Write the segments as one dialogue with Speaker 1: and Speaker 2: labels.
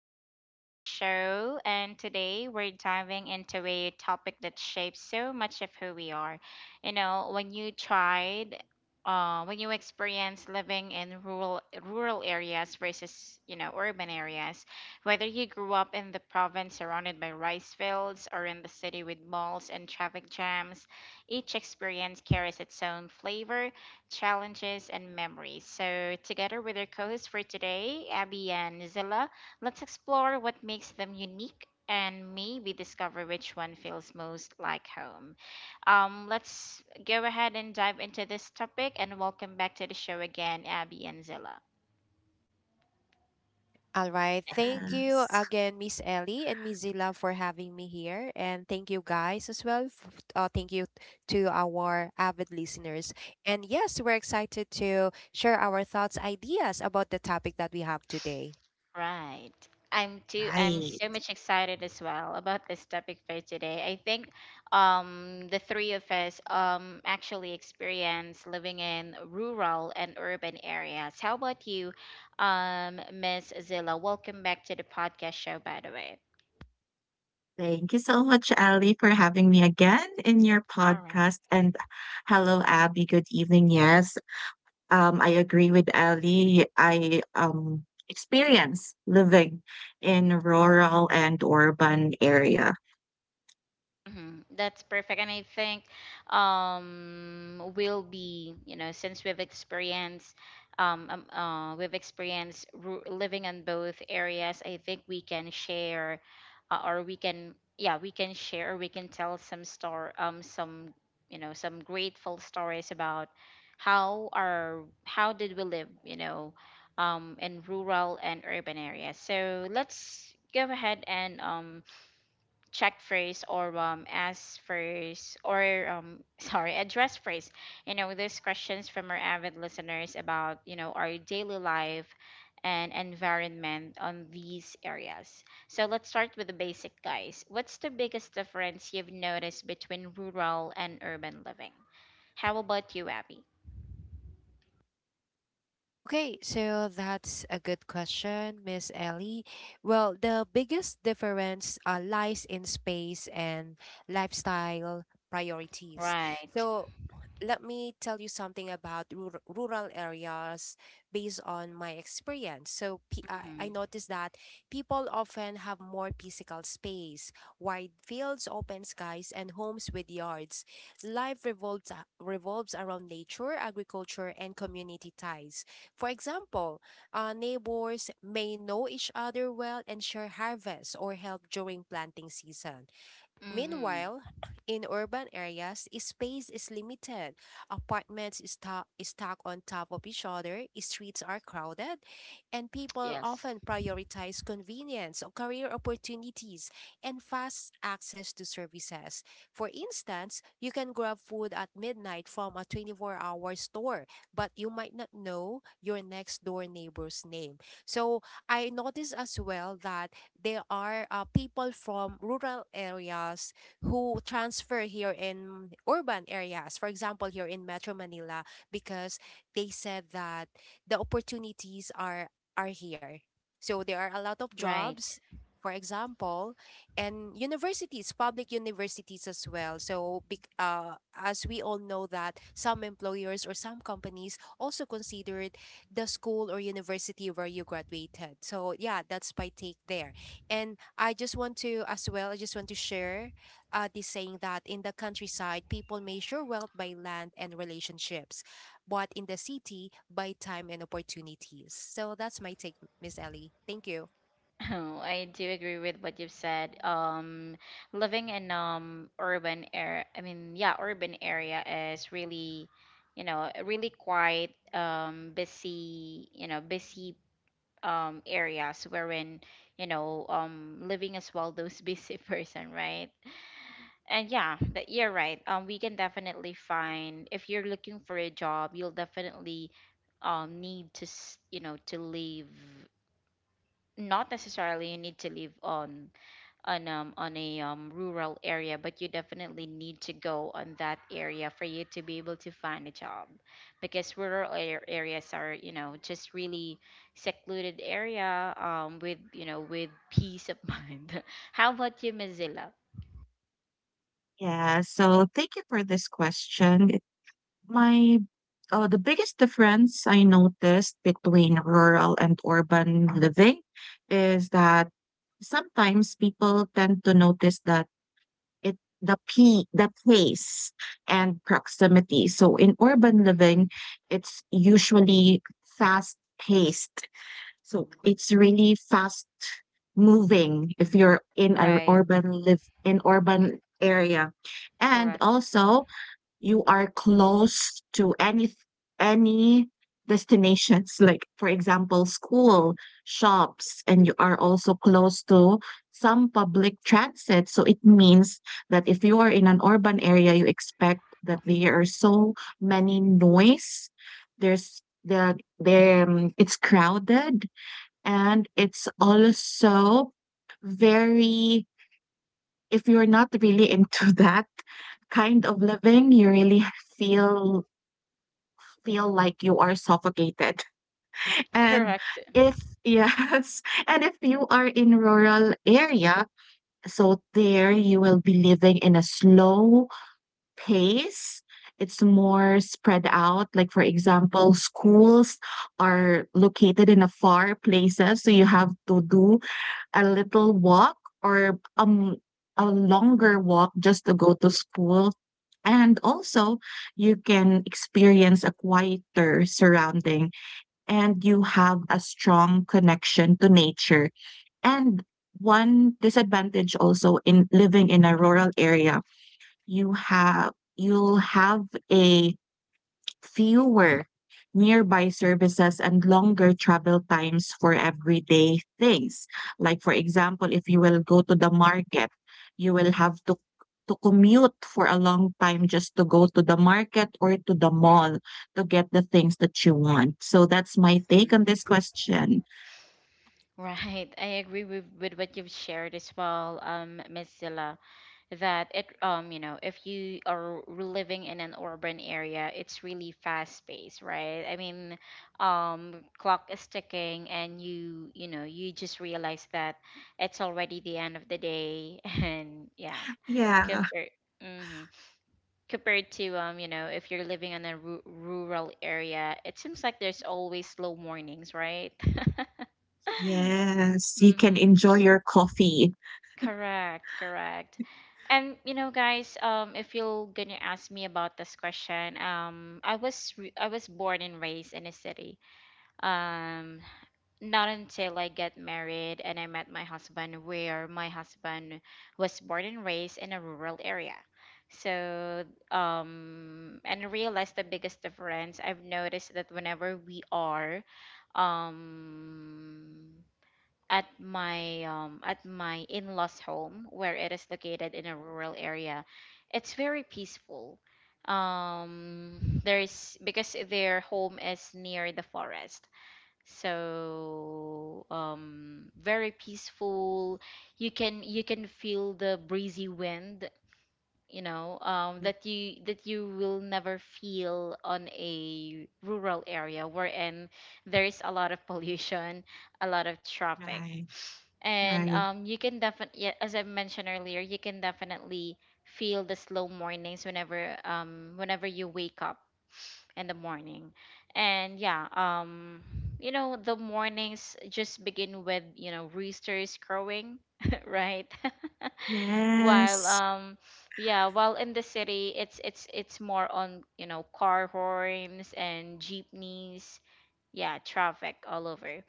Speaker 1: welcome back to the show. And today we're diving into a topic that shapes so much of who we are. You know, when you tried when you experience living in rural areas versus you know urban areas, whether you grew up in the province surrounded by rice fields or in the city with malls and traffic jams, each experience carries its own flavor challenges, and memories. So, together with our co hosts for today, Abby and Zilla, let's explore what makes them unique and maybe discover which one feels most like home. Let's go ahead and dive into this topic and welcome back to the show again, Abby and Zilla.
Speaker 2: All right. Thank you
Speaker 3: Yes,
Speaker 2: again, Miss Ellie and Miss Zilla, for having me here. And thank you guys as well. Thank you to our avid listeners. And yes, we're excited to share our thoughts, ideas about the topic that we have today.
Speaker 1: Right. I'm
Speaker 3: right.
Speaker 1: so much excited as well about this topic for today. I think the three of us actually experience living in rural and urban areas. How about you, Miss Zilla? Welcome back to the podcast show by the way.
Speaker 3: Thank you so much, Ali, for having me again in your
Speaker 1: All.
Speaker 3: podcast. And hello, Abby. Good evening. Yes, I agree with Ali. I experience living in rural and urban area.
Speaker 1: Mhm. That's perfect. And I think will be, you know, since we've experienced living in both areas, I think we can share or we can yeah, we can share, we can tell some you know, some grateful stories about how did we live, you know, in rural and urban areas. So let's go ahead and check first or ask first or sorry address first you know these questions from our avid listeners about you know our daily life and environment on these areas. So let's start with the basic, guys. What's the biggest difference you've noticed between rural and urban living? How about you, Abby?
Speaker 2: Okay, so that's a good question, Miss Ellie. Well, the biggest difference lies in space and lifestyle priorities.
Speaker 1: Right.
Speaker 2: So, let me tell you something about rural areas based on my experience. So, I
Speaker 1: Mm-hmm.
Speaker 2: noticed that people often have more physical space, wide fields, open skies, and homes with yards. Life revolves, Revolves around nature, agriculture, and community ties. For example, neighbors may know each other well and share harvests or help during planting season.
Speaker 1: Mm-hmm.
Speaker 2: Meanwhile, in urban areas, space is limited. Apartments is stacked on top of each other, streets are crowded, and people
Speaker 1: Yes.
Speaker 2: often prioritize convenience, career opportunities, and fast access to services. For instance, you can grab food at midnight from a 24-hour store, but you might not know your next-door neighbor's name. So, I noticed as well that there are people from rural areas who transfer here in urban areas. For example, here in Metro Manila, because they said that the opportunities are here. So there are a lot of jobs,
Speaker 1: Right.
Speaker 2: for example, and universities, public universities as well. So, as we all know that some employers or some companies also considered the school or university where you graduated. So, yeah, that's my take there. And I just want to, as well, I just want to share this saying that in the countryside, people measure wealth by land and relationships, but in the city, by time and opportunities. So that's my take, Miss Ellie. Thank you.
Speaker 1: Oh, I do agree with what you've said. Living in urban area, I mean, yeah, urban area is really, you know, really quite busy, you know, busy areas wherein, you know, living as well those busy person, right? And yeah, that you're right. We can definitely find, if you're looking for a job, you'll definitely need to, you know, to leave. Not necessarily you need to live on a rural area, but you definitely need to go on that area for you to be able to find a job, because areas are, you know, just really secluded area with you know with peace of mind. How about you, Mozilla?
Speaker 3: Yeah, so thank you for this question. It- My The biggest difference I noticed between rural and urban living is that sometimes people tend to notice that it the p the pace and proximity. So in urban living,
Speaker 1: Hmm.
Speaker 3: it's usually fast paced. So it's really fast moving if you're in an
Speaker 1: Right.
Speaker 3: urban live in urban area. And
Speaker 1: Correct.
Speaker 3: also you are close to any destinations, like for example school, shops, and you are also close to some public transit. So it means that if you are in an urban area, you expect that there are so many noise, there's the it's crowded, and it's also very, if you're not really into that kind of living, you really feel feel like you are suffocated. And
Speaker 1: Correct.
Speaker 3: if yes, And if you are in rural area, so there you will be living in a slow pace. It's more spread out. Like for example, schools are located in a far places, so you have to do a little walk, or a longer walk, just to go to school. And also, you can experience a quieter surrounding, and you have a strong connection to nature. And one disadvantage also in living in a rural area, you'll have a fewer nearby services and longer travel times for everyday things. Like, for example, if you will go to the market, you will have to commute for a long time just to go to the market or to the mall, to get the things that you want. So that's my take on
Speaker 1: Mm.
Speaker 3: this question.
Speaker 1: Right. I agree with what you've shared as well, Miss Zilla. That it you know if you are living in an urban area, it's really fast paced, right? I mean, clock is ticking and you know you just realize that it's already the end of the day and yeah
Speaker 3: Yeah.
Speaker 1: compared. Hmm. Compared to, you know, if you're living in a rural area, it seems like there's always slow mornings, right?
Speaker 3: Yes. You can enjoy your coffee.
Speaker 1: Correct, correct. And you know, guys, if you're gonna ask me about this question, I was born and raised in a city. Um, Not until I get married and I met my husband, where my husband was born and raised in a rural area. So, and I realized the biggest difference I've noticed that whenever we are, um at my in-laws home, where it is located in a rural area, it's very peaceful. There's Because their home is near the forest, so very peaceful. You can feel the breezy wind, you know,
Speaker 3: Mm.
Speaker 1: that you will never feel on a rural area wherein there is a lot of pollution, a lot of traffic.
Speaker 3: Right,
Speaker 1: And
Speaker 3: right.
Speaker 1: you can definitely, as I mentioned earlier, you can definitely feel the slow mornings whenever whenever you wake up in the morning. And yeah, you know, the mornings just begin with, you know, roosters crowing, right? While
Speaker 3: Yes,
Speaker 1: Yeah, while in the city, it's it's more on, you know, car horns and jeepneys, yeah, traffic all over.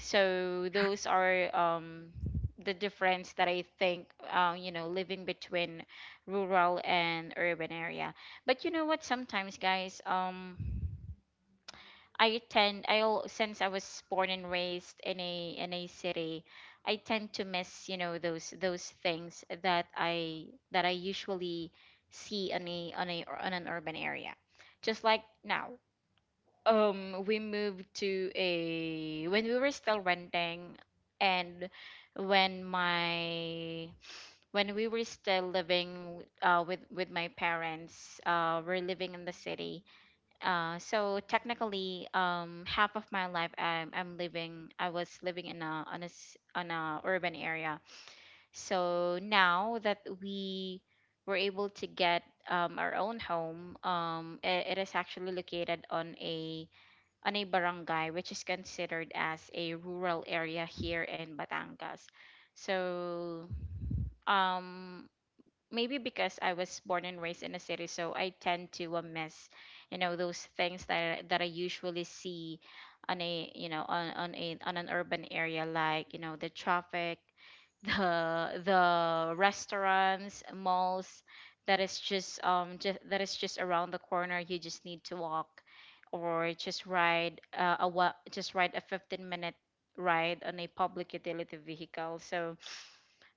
Speaker 1: So those are the difference that I think, you know, living between rural and urban area. But you know what? Sometimes, guys, I tend, I al- since I was born and raised in a city, I tend to miss, you know, those things that I usually see on a on a on an urban area. Just like now, we moved to a when we were still renting and when my when we were still living with my parents. We're living in the city, so technically, half of my life I was living in a on a s- on a urban area. So now that we were able to get our own home, it is actually located on a barangay, which is considered as a rural area here in Batangas. So, um, maybe because I was born and raised in a city, so I tend to miss, you know, those things that I usually see on a you know on a on an urban area, like you know the traffic, the the restaurants, malls. That is just that is just around the corner. You just need to walk, or just ride just ride a 15 minute ride on a public utility vehicle. So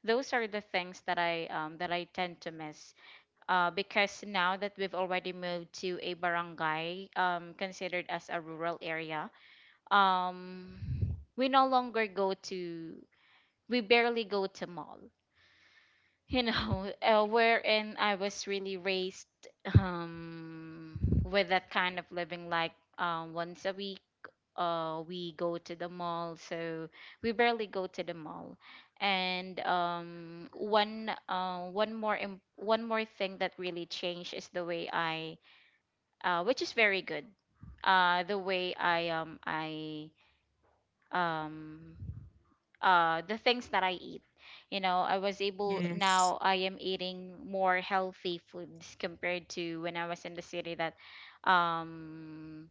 Speaker 1: those are the things that I tend to miss. Because now that we've already moved to a barangay, considered as a rural area, um, we no longer go to we barely go to mall. You know, wherein I was really raised, um, with that kind of living, like, once a week we go to the mall. So we barely go to the mall. And one more thing that really changed is the way I, which is very good, the way I um the things that I eat. You know, I was able
Speaker 3: yes.
Speaker 1: now I am eating more healthy foods compared to when I was in the city, that um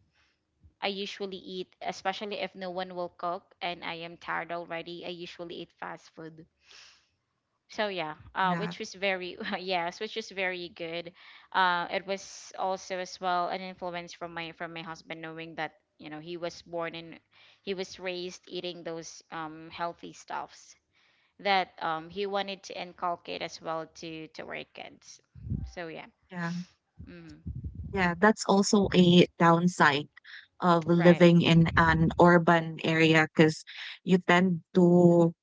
Speaker 1: I usually eat, especially if no one will cook and I am tired already, I usually eat fast food. So yeah,
Speaker 3: Yeah,
Speaker 1: which was very yes, which was very good. It was also as well an influence from my husband, knowing that you know he was born and he was raised eating those healthy stuffs that he wanted to inculcate as well to our kids. So yeah,
Speaker 3: yeah,
Speaker 1: mm,
Speaker 3: yeah. That's also a downside of
Speaker 1: right.
Speaker 3: living in an urban area, because you tend to,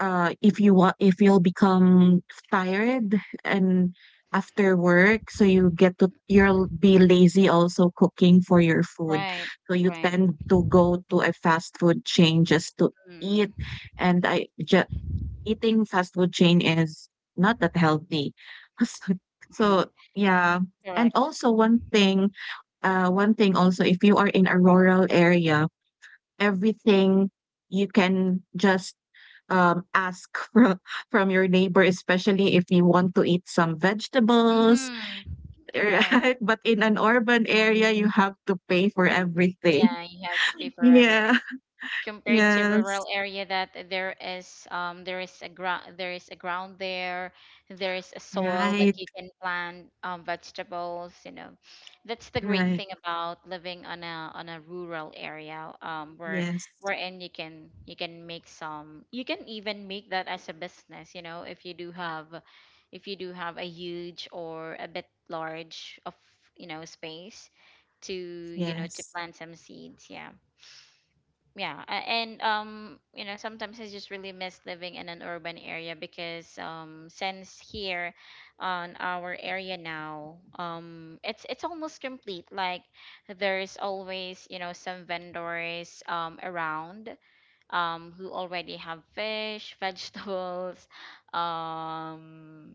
Speaker 3: if you'll become tired, and after work, so you get to you'll be lazy also cooking for your food,
Speaker 1: Right,
Speaker 3: so you
Speaker 1: right.
Speaker 3: tend to go to a fast food chain just to
Speaker 1: Mm.
Speaker 3: eat. and i ju- Eating fast food chain is not that healthy. so, so
Speaker 1: Right,
Speaker 3: yeah, and
Speaker 1: correct.
Speaker 3: also one thing also, if you are in a rural area, everything, you can just ask from your neighbor, especially if you want to eat some vegetables,
Speaker 1: Mhm. Right.
Speaker 3: right? But in an urban area, you have to pay for everything.
Speaker 1: Yeah, you have to pay for
Speaker 3: Yeah.
Speaker 1: everything. Compared to
Speaker 3: Yes.
Speaker 1: rural area, that there is there is a ground there, there is a soil that
Speaker 3: Right.
Speaker 1: you can plant vegetables, you know. That's the great
Speaker 3: Right.
Speaker 1: thing about living on a rural area,
Speaker 3: Yes.
Speaker 1: wherein you can make some, you can even make that as a business, you know, if you do have a huge or a bit large of, you know, space to, you know, to
Speaker 3: Yes.
Speaker 1: plant some seeds, yeah, yeah. And you know, sometimes I just really miss living in an urban area, because since here on our area now, it's almost complete, like there's always you know some vendors around, who already have fish, vegetables, um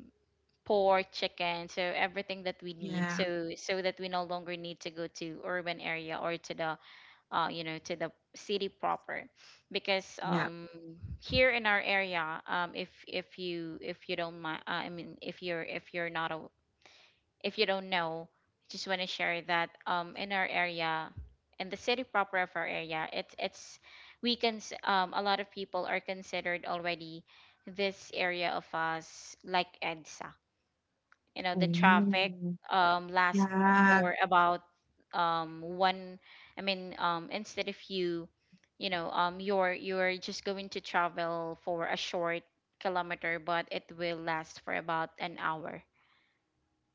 Speaker 1: pork, chicken, so everything that we need,
Speaker 3: Yeah.
Speaker 1: so so that we no longer need to go to urban area or to the you know, to the city proper, because
Speaker 3: Yeah.
Speaker 1: here in our area, if you, if you don't mind, I mean if you're, if you're not a, if you don't know, just want to share that, in our area, in the city proper of our area, it's a lot of people are considered already this area of us like EDSA, you know, the traffic
Speaker 3: Oh.
Speaker 1: lasts
Speaker 3: Yeah.
Speaker 1: for about one I mean instead of you know, you're just going to travel for a short kilometer, but it will last for about an hour,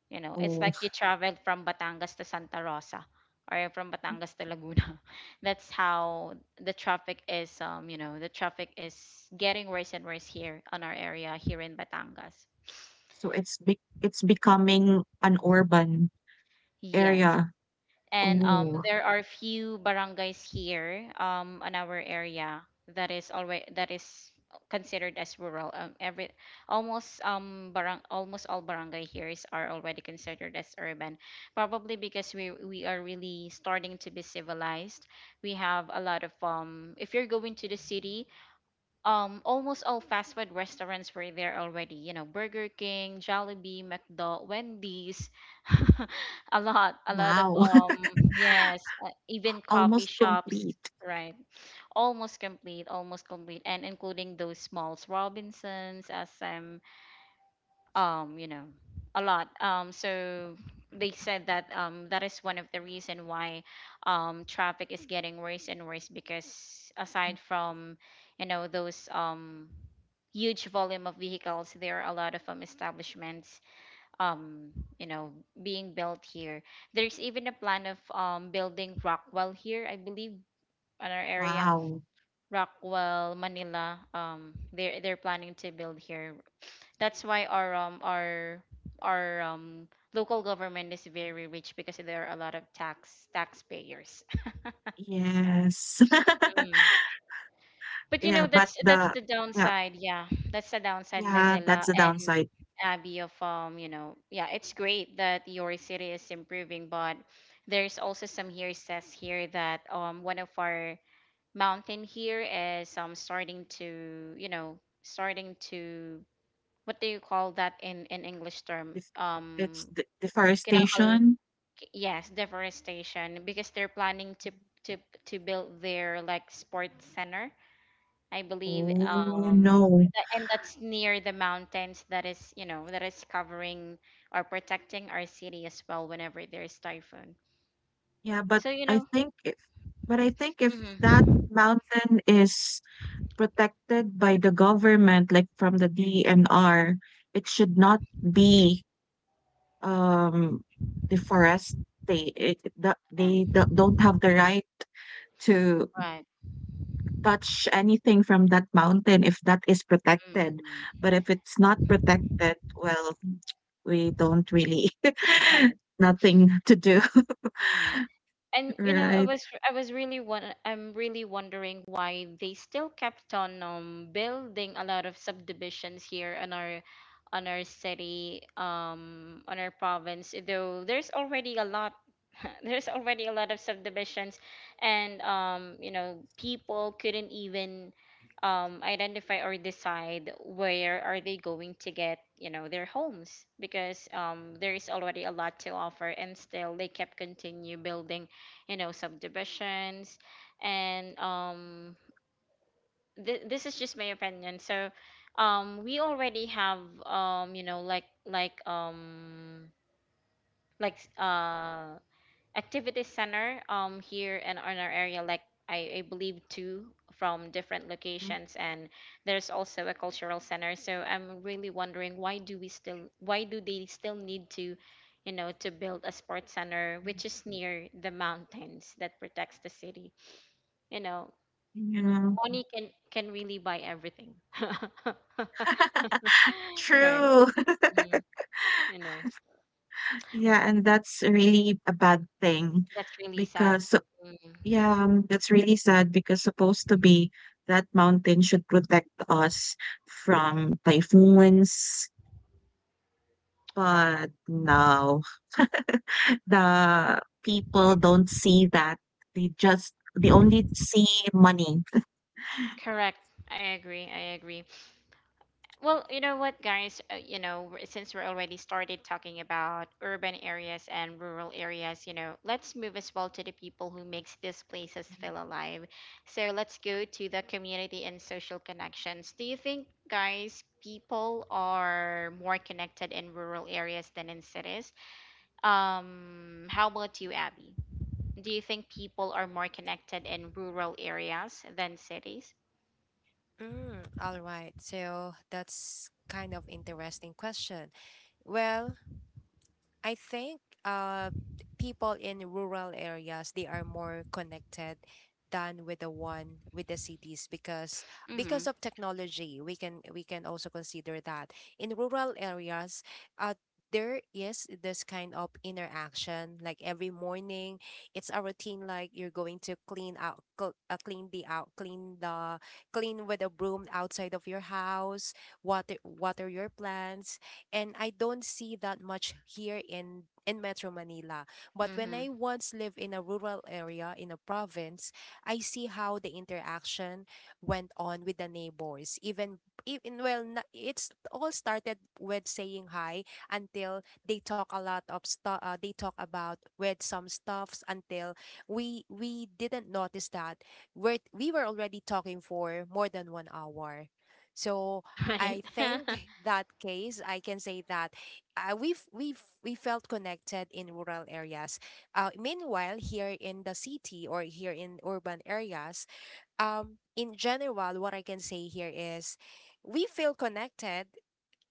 Speaker 1: you know. It's
Speaker 3: Oh.
Speaker 1: like you traveled from Batangas to Santa Rosa or from Batangas to Laguna. That's how the traffic is, you know, the traffic is getting worse and worse here on our area here in Batangas.
Speaker 3: So it's becoming an urban
Speaker 1: Yes.
Speaker 3: area.
Speaker 1: And
Speaker 3: Oh.
Speaker 1: there are few barangays here, on our area that is already that is considered as rural. Every almost barang almost all barangay here is are already considered as urban. Probably because we are really starting to be civilized. We have a lot of If you're going to the city, almost all fast food restaurants were there already. You know, Burger King, Jollibee, McDo, Wendy's, a lot of
Speaker 3: Wow.
Speaker 1: yes, even coffee
Speaker 3: Almost
Speaker 1: shops,
Speaker 3: complete.
Speaker 1: right? Almost complete, and including those smalls, Robinsons, SM, um, you know, a lot. So they said that that is one of the reason why traffic is getting worse and worse, because aside from those huge volume of vehicles, there are a lot of establishments, um you know being built here. There's even a plan of building Rockwell here, I believe, on our area.
Speaker 3: Wow.
Speaker 1: Rockwell Manila, they're planning to build here. That's why our local government is very rich, because there are a lot of taxpayers.
Speaker 3: Yes.
Speaker 1: But you
Speaker 3: Yeah,
Speaker 1: know,
Speaker 3: but
Speaker 1: that's
Speaker 3: the
Speaker 1: the
Speaker 3: yeah,
Speaker 1: downside. Yeah, that's the downside,
Speaker 3: yeah,
Speaker 1: Mozilla
Speaker 3: that's the
Speaker 1: and
Speaker 3: downside.
Speaker 1: Abby, of yeah, it's great that your city is improving, but there's also some hearsays here that one of our mountain here is starting to, starting to what do you call that in English term,
Speaker 3: It's it's de
Speaker 1: kinakal,
Speaker 3: deforestation.
Speaker 1: yes, deforestation, because they're planning to to build their like sports center, I believe.
Speaker 3: Oh no.
Speaker 1: And that's near the mountains that is, that is covering or protecting our city as well whenever there's typhoon.
Speaker 3: Yeah,
Speaker 1: So,
Speaker 3: but I think if that
Speaker 1: mm-hmm.
Speaker 3: mountain is protected by the government, like from the DNR, it should not be um deforested.
Speaker 1: Yeah,
Speaker 3: They don't have the right to
Speaker 1: right.
Speaker 3: touch anything from that mountain if that is protected.
Speaker 1: Mm.
Speaker 3: But if it's not protected, well, we don't really
Speaker 1: Right.
Speaker 3: nothing to do,
Speaker 1: Mm. And
Speaker 3: right?
Speaker 1: I'm really wondering why they still kept on building a lot of subdivisions here on our, on our city, on our province, though there's already a lot. There's already a lot of subdivisions, and people couldn't even identify or decide where are they going to get, their homes, because there is already a lot to offer, and still they kept continue building, subdivisions. And this is just my opinion. So we already have, like, like uh activity center, here in, our area, like, I believe two, from different
Speaker 3: Mhm.
Speaker 1: locations. And there's also a cultural center. So I'm really wondering why do they still need to, to build a sports center which is near the mountains that protects the city. you know,
Speaker 3: Yeah.
Speaker 1: Money can really buy everything. Right.
Speaker 3: True.
Speaker 1: Hmm. You know,
Speaker 3: Yeah, and that's really a bad thing
Speaker 1: that's really sad.
Speaker 3: because, so,
Speaker 1: Mm,
Speaker 3: yeah, that's really sad because, supposed to be, that mountain should protect us from typhoons,
Speaker 1: right.
Speaker 3: but no. The people don't see that. They only see money.
Speaker 1: Correct. I agree. I agree. Well, you know what, guys? Since we're already started talking about urban areas and rural areas, let's move as well to the people who makes these places feel alive. So let's go to the community and social connections. Do you think, guys, people are more connected in rural areas than in cities? How about you, Abby? Do you think people are more connected in rural areas than cities?
Speaker 2: Mm, all right. So that's kind of interesting question. Well, I think people in rural areas they are more connected than with the one with the cities
Speaker 1: Mm-hmm.
Speaker 2: because of technology we can also consider that in rural areas uh there is this kind of interaction like every morning it's a routine like you're going to clean out cl- clean the out clean the clean with a broom outside of your house, water your plants, and I don't see that much here in Metro Manila. But when
Speaker 1: Mm-hmm.
Speaker 2: I once lived in a rural area in a province, I see how the interaction went on with the neighbors. Even it's all started with saying hi until they talk a lot of stuff. They talk about with some stuffs until we didn't notice that we were already talking for more than 1 hour. So
Speaker 1: Right.
Speaker 2: I think that case, I can say that we've we felt connected in rural areas. Meanwhile, here in the city or here in urban areas, in general, what I can say here is, we feel connected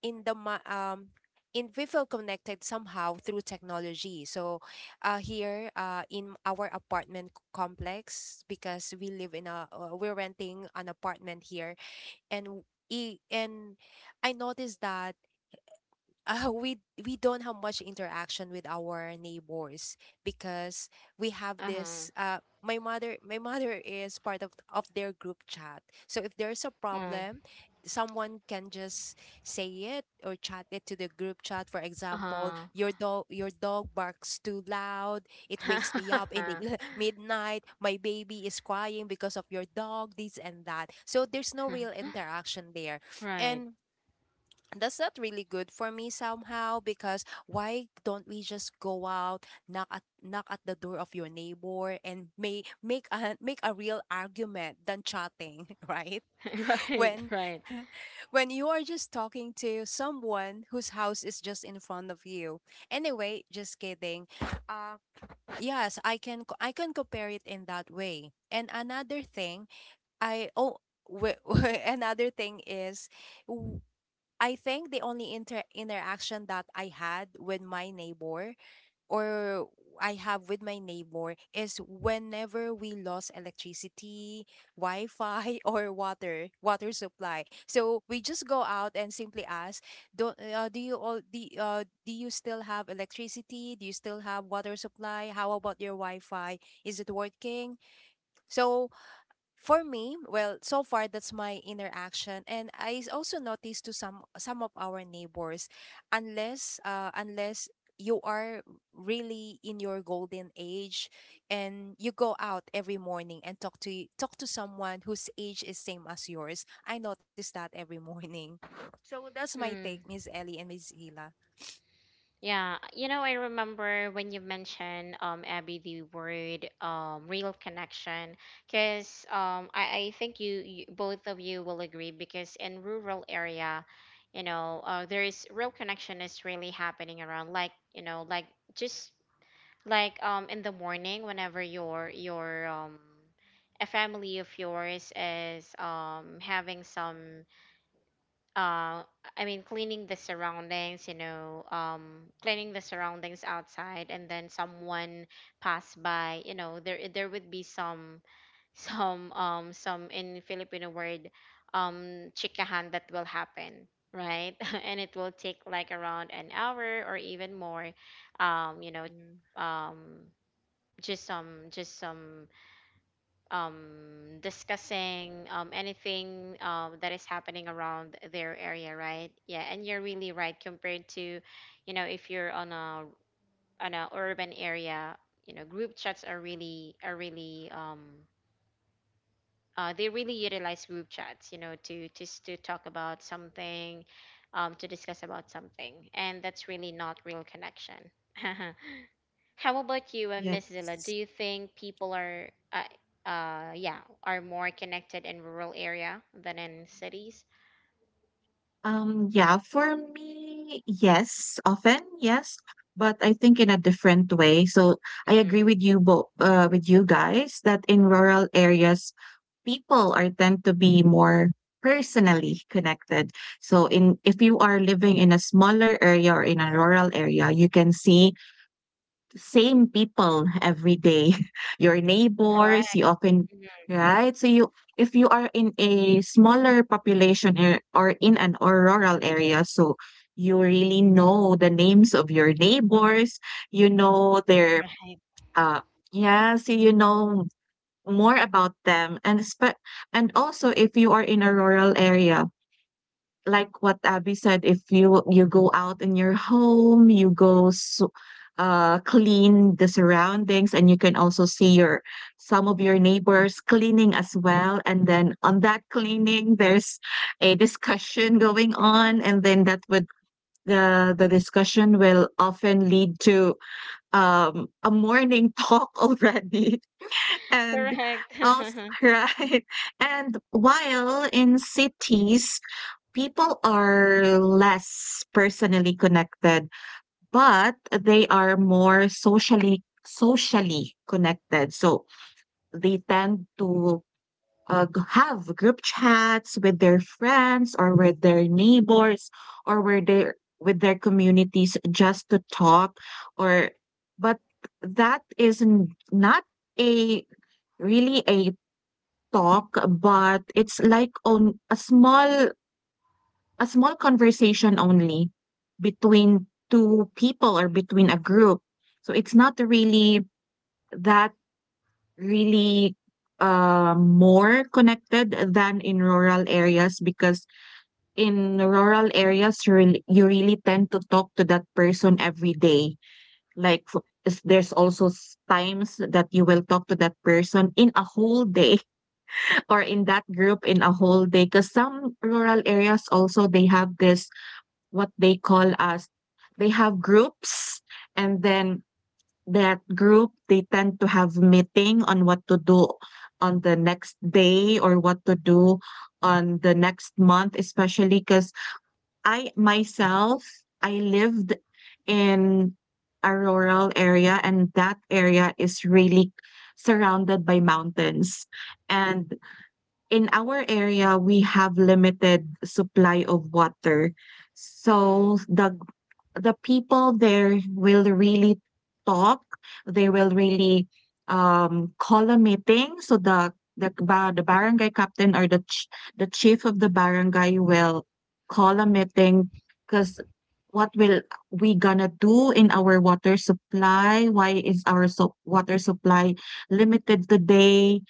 Speaker 2: in the ma- um. In we feel connected somehow through technology. So, here in our complex, because we live in a we're renting an apartment here and w- and I noticed that we don't have much interaction with our neighbors because we have
Speaker 1: Uh-huh.
Speaker 2: this my mother is part of their group chat. So if there's a problem, someone can just say it or chat it to the group chat. For example,
Speaker 1: Uh-huh.
Speaker 2: your dog barks too loud. It wakes me up in the midnight. My baby is crying because of your dog, this and that. So there's no real interaction there.
Speaker 1: Right.
Speaker 2: And that's not really good for me somehow. Because why don't we just go out, knock at the door of your neighbor and may make a make a real argument than chatting, right,
Speaker 1: Right,
Speaker 2: when
Speaker 1: right.
Speaker 2: when you are just talking to someone whose house is just in front of you? Anyway, just kidding. Uh, yes, I can compare it in that way. And another thing, i oh wh- another thing is, I think the only interaction that or I have with my neighbor is whenever we lost electricity, Wi-Fi or water supply. So we just go out and simply ask, do you still have electricity? Do you still have water supply? How about your Wi-Fi? Is it working? So for me, well, so far that's my interaction, and I also noticed to some of our neighbors, unless you are really in your golden age and you go out every morning and talk to talk to someone whose age is same as yours. I notice that every morning. So that's my take,
Speaker 1: Mm.
Speaker 2: Miss Ellie and Miss Hila.
Speaker 1: Yeah, I remember when you mentioned, Abby, the word, real connection, because I think, you both of you will agree, because in rural area, there is real connection is really happening around, like, like, just, like, in the morning whenever your a family of yours is, having some, uh I mean, cleaning the surroundings, cleaning the surroundings outside, and then someone pass by, there would be some, some, some, in Filipino word, chikahan, that will happen, right? And it will take like around an hour or even more, um you know um just some, discussing, anything, that is happening around their area, right? Yeah, and you're really right compared to, if you're on a, urban area, group chats are really, they really utilize group chats, to just to talk about something, to discuss about something, and that's really not real connection. How about you and Miss Zilla? Do
Speaker 3: Yes.
Speaker 1: you think people are, yeah, are more connected in rural area than in cities?
Speaker 3: Yeah, for me, yes, often, yes, but I think in a different way. So I agree
Speaker 1: Mhm.
Speaker 3: with you both, with you guys, that in rural areas, people are tend to be more personally connected. So in if you are living in a smaller area or in a rural area, you can see the same people every day. Your neighbors,
Speaker 1: Correct.
Speaker 3: you often,
Speaker 1: Mhm.
Speaker 3: right? So you, if you are in a smaller population, or in an or rural area, so you really know the names of your neighbors. You know their,
Speaker 1: Right.
Speaker 3: uh yeah, so you know more about them. And also, if you are in a rural area, like what Abby said, if you, you go out in your home, you go, so, clean the surroundings, and you can also see your some of your neighbors cleaning as well. And then on that cleaning, there's a discussion going on, and then that would, the discussion will often lead to a morning talk already, and
Speaker 1: Correct.
Speaker 3: also right. And while in cities, people are less personally connected, but they are more socially connected. So they tend to, have group chats with their friends or with their neighbors, or with their communities, just to talk, or, but that is not a really a talk, but it's like on a small conversation only, between two people or between a group. So it's not really that really more connected than in rural areas, because in rural areas you really tend to talk to that person every day. Like, there's also times that you will talk to that person in a whole day, or in that group in a whole day, because some rural areas also, they have this, what they call as, they have groups, and then that group, they tend to have meeting on what to do on the next day, or what to do on the next month, especially because, I myself, I lived in a rural area, and that area is really surrounded by mountains. And in our area, we have limited supply of water.
Speaker 1: Mm.
Speaker 3: So the people there will really talk. They will really call a meeting. So the barangay captain, or the chief of the barangay, will call a meeting, because what will we gonna do in our water supply? Why is our water supply limited today?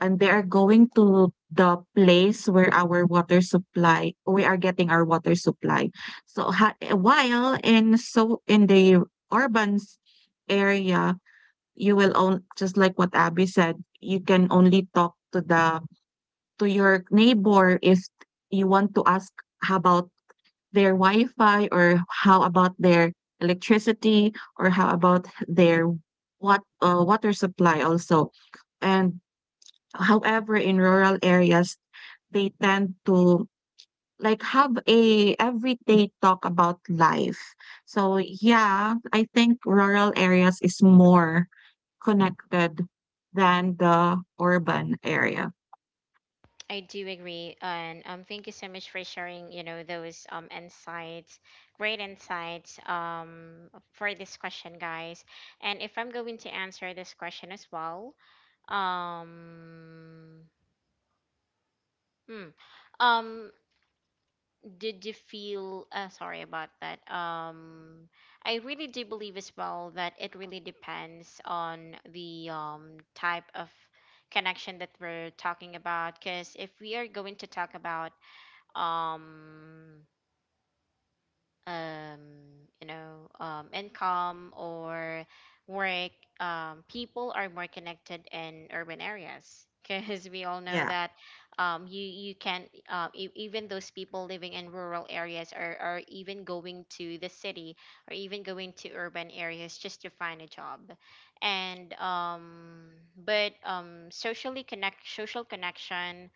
Speaker 3: And they are going to the place where our water supply, we are getting our water supply. So ha- while in so in the urban area, you will only, just like what Abby said, you can only talk to your neighbor if you want to ask how about their Wi-Fi, or how about their electricity, or how about their, what, water supply also. And however, in rural areas, they tend to, like, have a everyday talk about life. So yeah, I think rural areas is more connected than the urban area.
Speaker 1: I do agree, and thank you so much for sharing, those, insights, great insights, for this question, guys. And if I'm going to answer this question as well, um, hmm, um, did you feel, sorry about that. I really do believe as well that it really depends on the type of connection that we're talking about, because if we are going to talk about, um um, income or work, people are more connected in urban areas, because we all know
Speaker 3: Yeah,
Speaker 1: that, you can, even those people living in rural areas are even going to the city, or even going to urban areas just to find a job. And but social connection,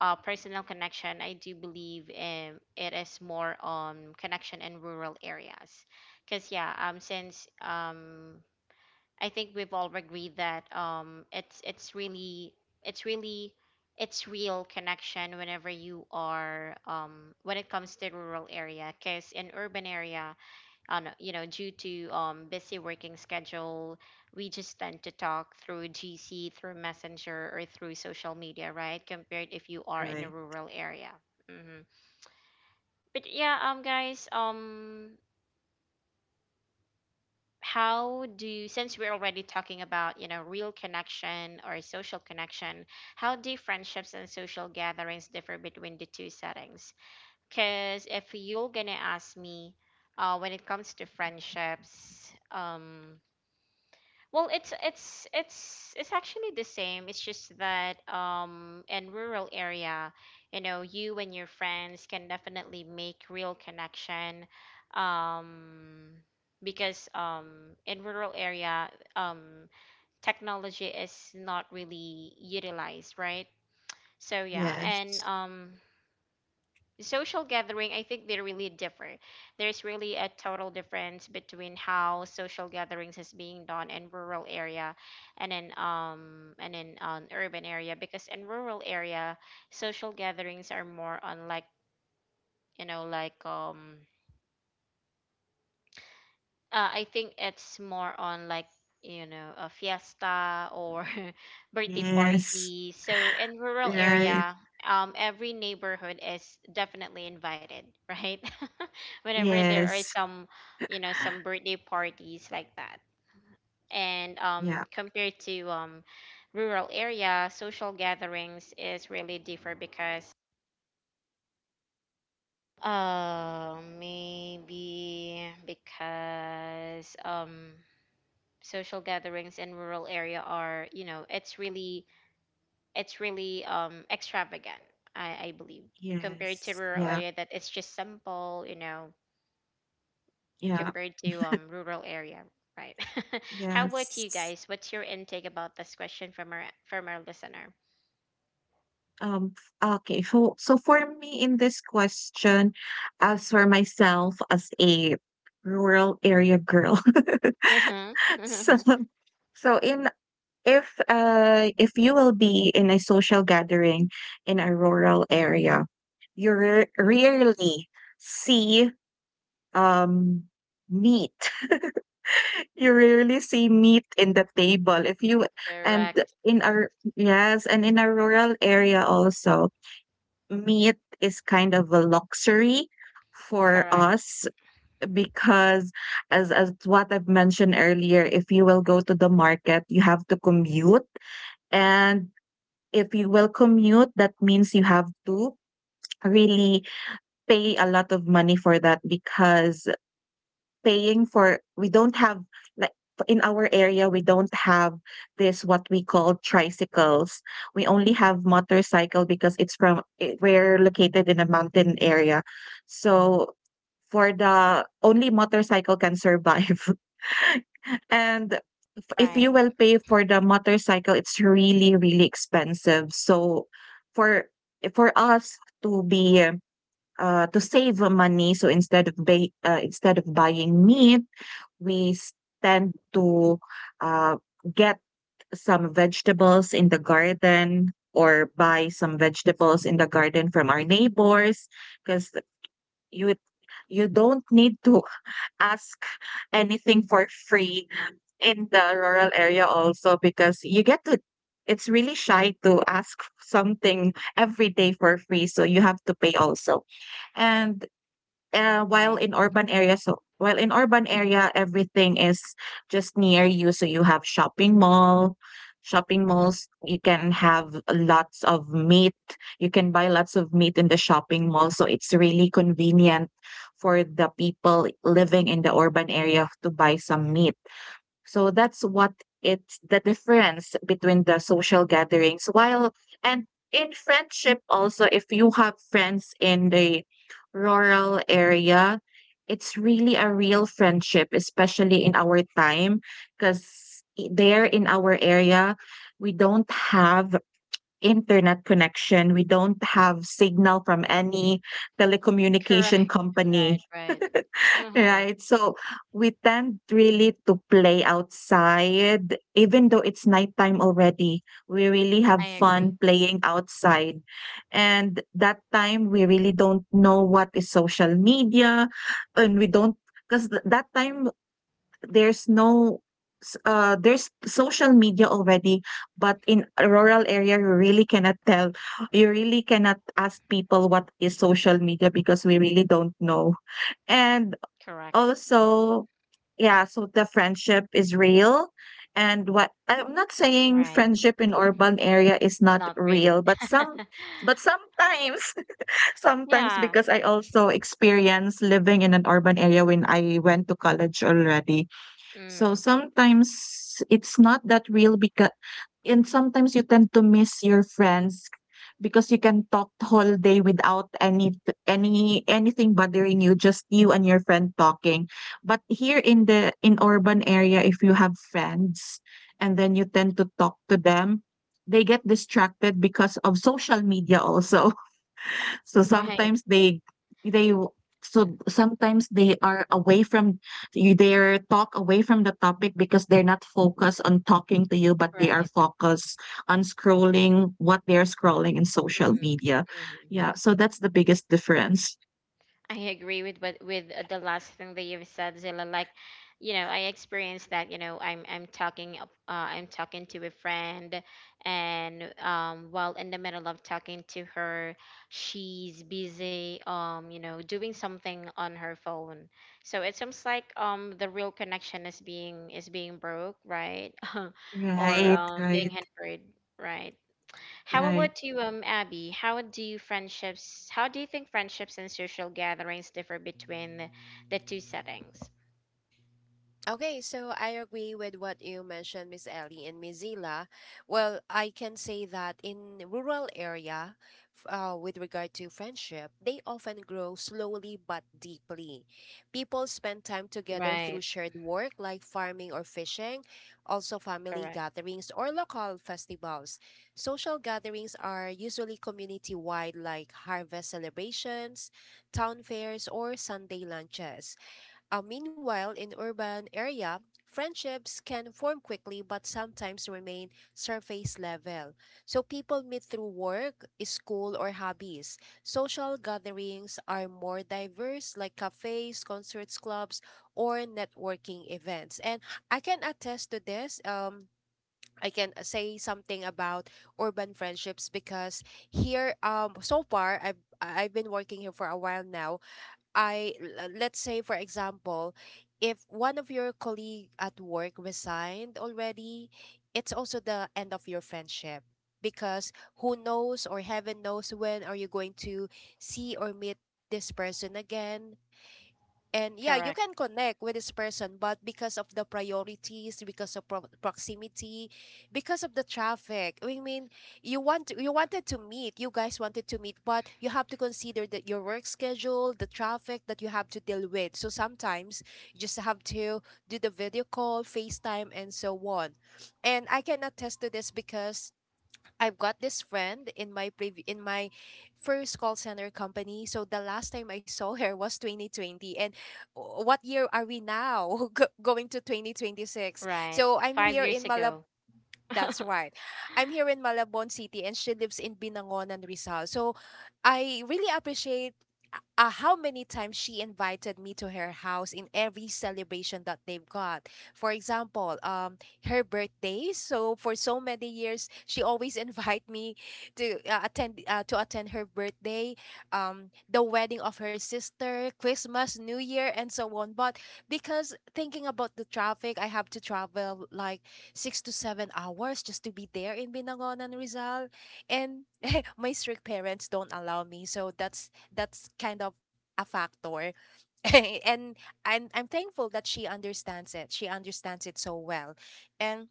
Speaker 1: personal connection, I do believe, it is more on connection in rural areas. Because yeah, since I think we've all agreed that, it's really it's real connection whenever you are, when it comes to rural area. Because in urban area, on you know due to busy working schedule, we just tend to talk through gc, through messenger, or through social media, right? Compared if you are in a
Speaker 3: right.
Speaker 1: rural area. Hmm. But yeah, guys, how do you since we're already talking about, real connection or social connection, how do friendships and social gatherings differ between the two settings? Because if you're gonna ask me, when it comes to friendships, well, it's actually the same. It's just that, in rural area, you and your friends can definitely make real connection, um because in rural area, um technology is not really utilized, right? So yeah. And
Speaker 3: Yes.
Speaker 1: the social gathering, I think they really differ. There's really a total difference between how social gatherings is being done in rural area, and in, urban area, because in rural area, social gatherings are more on like, like, I think it's more on like, a fiesta or birthday
Speaker 3: Yes.
Speaker 1: party. So in rural
Speaker 3: Right.
Speaker 1: area, every neighborhood is definitely invited, right? Whenever there are
Speaker 3: Yes.
Speaker 1: some, some birthday parties like that. And
Speaker 3: Yeah.
Speaker 1: compared to, rural area, social gatherings is really different, because, maybe because social gatherings in rural area are, it's really, extravagant, I believe, compared to
Speaker 3: Yes.
Speaker 1: rural
Speaker 3: Yeah.
Speaker 1: area, that it's just simple,
Speaker 3: Yeah.
Speaker 1: compared to rural area, right? How about you
Speaker 3: Yes.
Speaker 1: guys? What's your intake about this question from our, listener?
Speaker 3: Um okay. So for me, in this question, as for myself, as a rural area girl.
Speaker 1: Uh-huh.
Speaker 3: So,
Speaker 1: Uh-huh.
Speaker 3: so in if you will be in a social gathering in a rural area, you rarely see um meat. You rarely see meat in the table. If you and
Speaker 1: Correct.
Speaker 3: in our Yes, and in a rural area also, meat is kind of a luxury for
Speaker 1: Correct.
Speaker 3: us, because as what I've mentioned earlier, if you will go to the market, you have to commute. And if you will commute, that means you have to really pay a lot of money for that, because paying for we don't have like in our area we don't have this, what we call, tricycles. We only have motorcycle, because we're located in a mountain area, so for the only motorcycle can survive. And if
Speaker 1: Right,
Speaker 3: you will pay for the motorcycle, it's really, really expensive. So for for us to be to save money, so instead of buying meat, we tend to uh, get some vegetables in the garden, or buy some vegetables in the garden from our neighbors, because you you don't need to ask anything for free in the rural area also, because you get to it's really shy to ask something every day for free, so you have to pay also. And while
Speaker 1: right.
Speaker 3: in urban area, everything is just near you. So you have shopping malls. You can have lots of meat. You can buy lots of meat in the shopping mall. So it's really convenient for the people living in the urban area to buy some meat. So that's what it's the difference between the social gatherings. While and in friendship also, if you have friends in the rural area, it's really a real friendship, especially in our time, because there in our area, we don't have internet connection. We don't have signal from any telecommunication
Speaker 1: Correct.
Speaker 3: company.
Speaker 1: Right. Right. Uh-huh.
Speaker 3: Right. So we tend really to play outside, even though it's nighttime already. We really
Speaker 1: I
Speaker 3: have
Speaker 1: agree.
Speaker 3: fun playing outside. And that time, we really don't know what is social media. And we don't, because that time, there's no, there's social media already. But in a rural area, you really cannot tell. You really cannot ask people what is social media because we really don't know. And
Speaker 1: Correct.
Speaker 3: also, yeah, so the friendship is real. And what I'm not saying
Speaker 1: Right,
Speaker 3: friendship in urban area is
Speaker 1: it's
Speaker 3: not
Speaker 1: not real.
Speaker 3: real, but sometimes sometimes
Speaker 1: Yeah.
Speaker 3: because I also experience living in an urban area when I went to college already. So
Speaker 1: Mm,
Speaker 3: sometimes it's not that real because, and sometimes you tend to miss your friends because you can talk the whole day without any anything bothering you, just you and your friend talking. But here in the in urban area, if you have friends and then you tend to talk to them, they get distracted because of social media also. So
Speaker 1: right,
Speaker 3: sometimes they w- so sometimes they are away from you. Their talk away from the topic because they're not focused on talking to you, but they are
Speaker 1: right.
Speaker 3: focused on scrolling what they're scrolling in social
Speaker 1: Mm.
Speaker 3: media.
Speaker 1: Mm.
Speaker 3: Yeah, so that's the biggest difference.
Speaker 1: I agree with what with the last thing that you've said, Zilla. Like, I experienced that. I'm talking to a friend, and while in the middle of talking to her, she's busy, doing something on her phone. So it seems like, the real connection is being, broke, right? Or,
Speaker 3: Right,
Speaker 1: being
Speaker 3: right,
Speaker 1: hindered, right? How
Speaker 3: right,
Speaker 1: about you, Abby? How do you friendships? How do you think friendships and social gatherings differ between the two settings?
Speaker 2: Okay, so I agree with what you mentioned, Miss Ellie and Miss Zila. Well, I can say that in rural area, with regard to friendship, they often grow slowly but deeply. People spend time together through
Speaker 1: Right.
Speaker 2: shared work like farming or fishing, also family
Speaker 1: Correct.
Speaker 2: gatherings or local festivals. Social gatherings are usually community-wide like harvest celebrations, town fairs, or Sunday lunches. Meanwhile, in urban area, friendships can form quickly but sometimes remain surface level. So people meet through work, school, or hobbies. Social gatherings are more diverse, like cafes, concerts, clubs, or networking events. And I can attest to this. I can say something about urban friendships because here, so far I've been working here for a while now. Let's say for example, if one of your colleague at work resigned already, it's also the end of your friendship, because who knows or heaven knows when are you going to see or meet this person again. And yeah, you
Speaker 1: Correct.
Speaker 2: can connect with this person, but because of the priorities, because of proximity, because of the traffic, I mean, you wanted to meet, you guys wanted to meet, but you have to consider that your work schedule, the traffic that you have to deal with. So sometimes you just have to do the video call, FaceTime, and so on. And I can attest to this because I've got this friend in my first call center company. So the last time I saw her was 2020, and what year are we now? Going to 2026?
Speaker 1: Right.
Speaker 2: So I'm
Speaker 1: Five
Speaker 2: here
Speaker 1: years
Speaker 2: in Malab,
Speaker 1: ago.
Speaker 2: that's right. I'm here in Malabon City and she lives in Binangonan, Rizal. So I really appreciate how many times she invited me to her house in every celebration that they've got. For example, her birthday. So for so many years, she always invite me to attend to attend her birthday, the wedding of her sister, Christmas, New Year, and so on. But because thinking about the traffic, I have to travel like 6 to 7 hours just to be there in Binangonan, Rizal, and my strict parents don't allow me. So that's kind of a factor. and and I'm thankful that she understands it, she understands it so well. And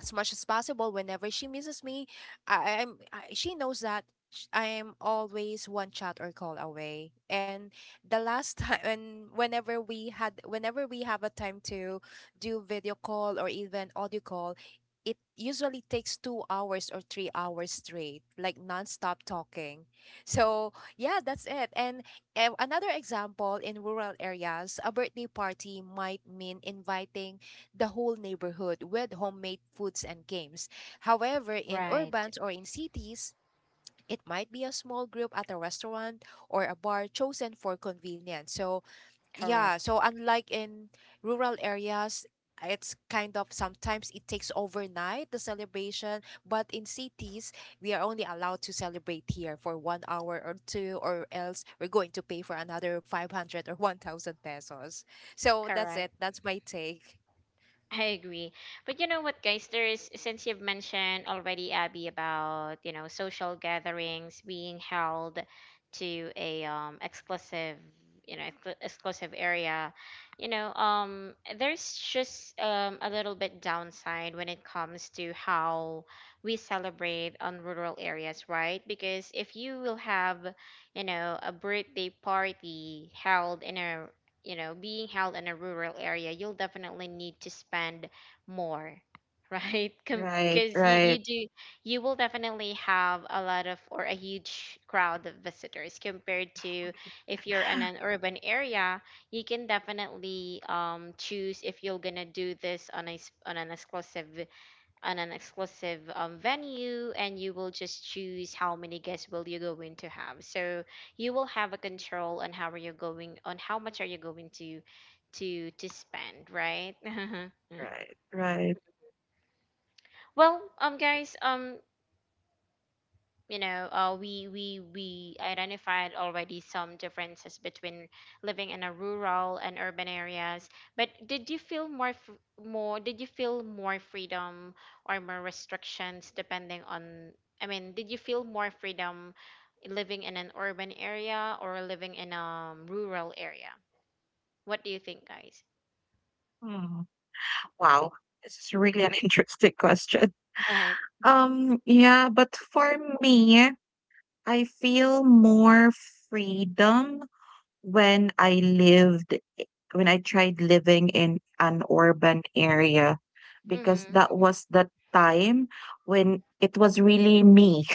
Speaker 2: as much as possible whenever she misses me, she knows that I am always one chat or call away. And the last time, and whenever we had whenever we have a time to do video call or even audio call, it usually takes 2 hours or 3 hours straight like nonstop talking. So yeah, that's it. And another example, in rural areas a birthday party might mean inviting the whole neighborhood with homemade foods and games. However, in
Speaker 1: Right.
Speaker 2: urbans or in cities, it might be a small group at a restaurant or a bar chosen for convenience. So, yeah,
Speaker 1: Correct.
Speaker 2: so unlike in rural areas, it's kind of sometimes it takes overnight the celebration, but in cities, we are only allowed to celebrate here for 1 hour or two, or else we're going to pay for another 500 or 1,000 pesos. So, that's
Speaker 1: Correct.
Speaker 2: it. That's my take.
Speaker 1: I agree. But you know what, guys, there is, since you've mentioned already, Abby, about, social gatherings being held to a, exclusive, exclusive area, you know um there's just, a little bit downside when it comes to how we celebrate on rural areas, right? Because if you will have, a birthday party held in a, being held in a rural area, you'll definitely need to spend more, right?
Speaker 3: right,
Speaker 1: Because you
Speaker 3: right,
Speaker 1: do, you will definitely have a lot of or a huge crowd of visitors compared to if you're in an urban area, you can definitely choose if you're gonna do this on on an exclusive venue and you will just choose how many guests will you going to have so you will have a control on how are you going on how much are you going to to spend, right?
Speaker 3: right, right.
Speaker 1: Well, guys, you know, we identified already some differences between living in a rural and urban areas, but did you feel more did you feel more freedom or more restrictions depending on, did you feel more freedom living in an urban area or living in a rural area? What do you think, guys?
Speaker 3: Hmm. Wow, this is really an interesting question.
Speaker 1: Right.
Speaker 3: Yeah, but for me, I feel more freedom when when I tried living in an urban area, because
Speaker 1: Mm-hmm.
Speaker 3: that was the time when it was really me.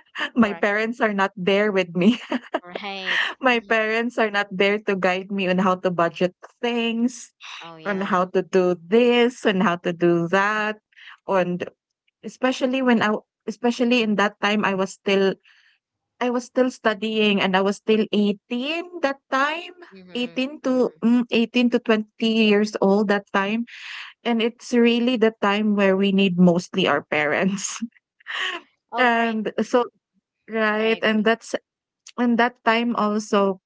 Speaker 3: My
Speaker 1: Correct.
Speaker 3: parents are not there with me.
Speaker 1: Right.
Speaker 3: My
Speaker 1: Ye-.
Speaker 3: parents are not there to guide me on how to budget things,
Speaker 1: Oh
Speaker 3: on
Speaker 1: yeah.
Speaker 3: how to do this, on how to do that. And especially when I, especially in that time, I was still studying and I was still 18 that time,
Speaker 1: Mm-hmm,
Speaker 3: 18 to
Speaker 1: mm-hmm.
Speaker 3: 18 to 20 years old that time. And it's really the time where we need mostly our parents.
Speaker 1: All right.
Speaker 3: And so,
Speaker 1: I
Speaker 3: right.
Speaker 1: agree.
Speaker 3: And that time also,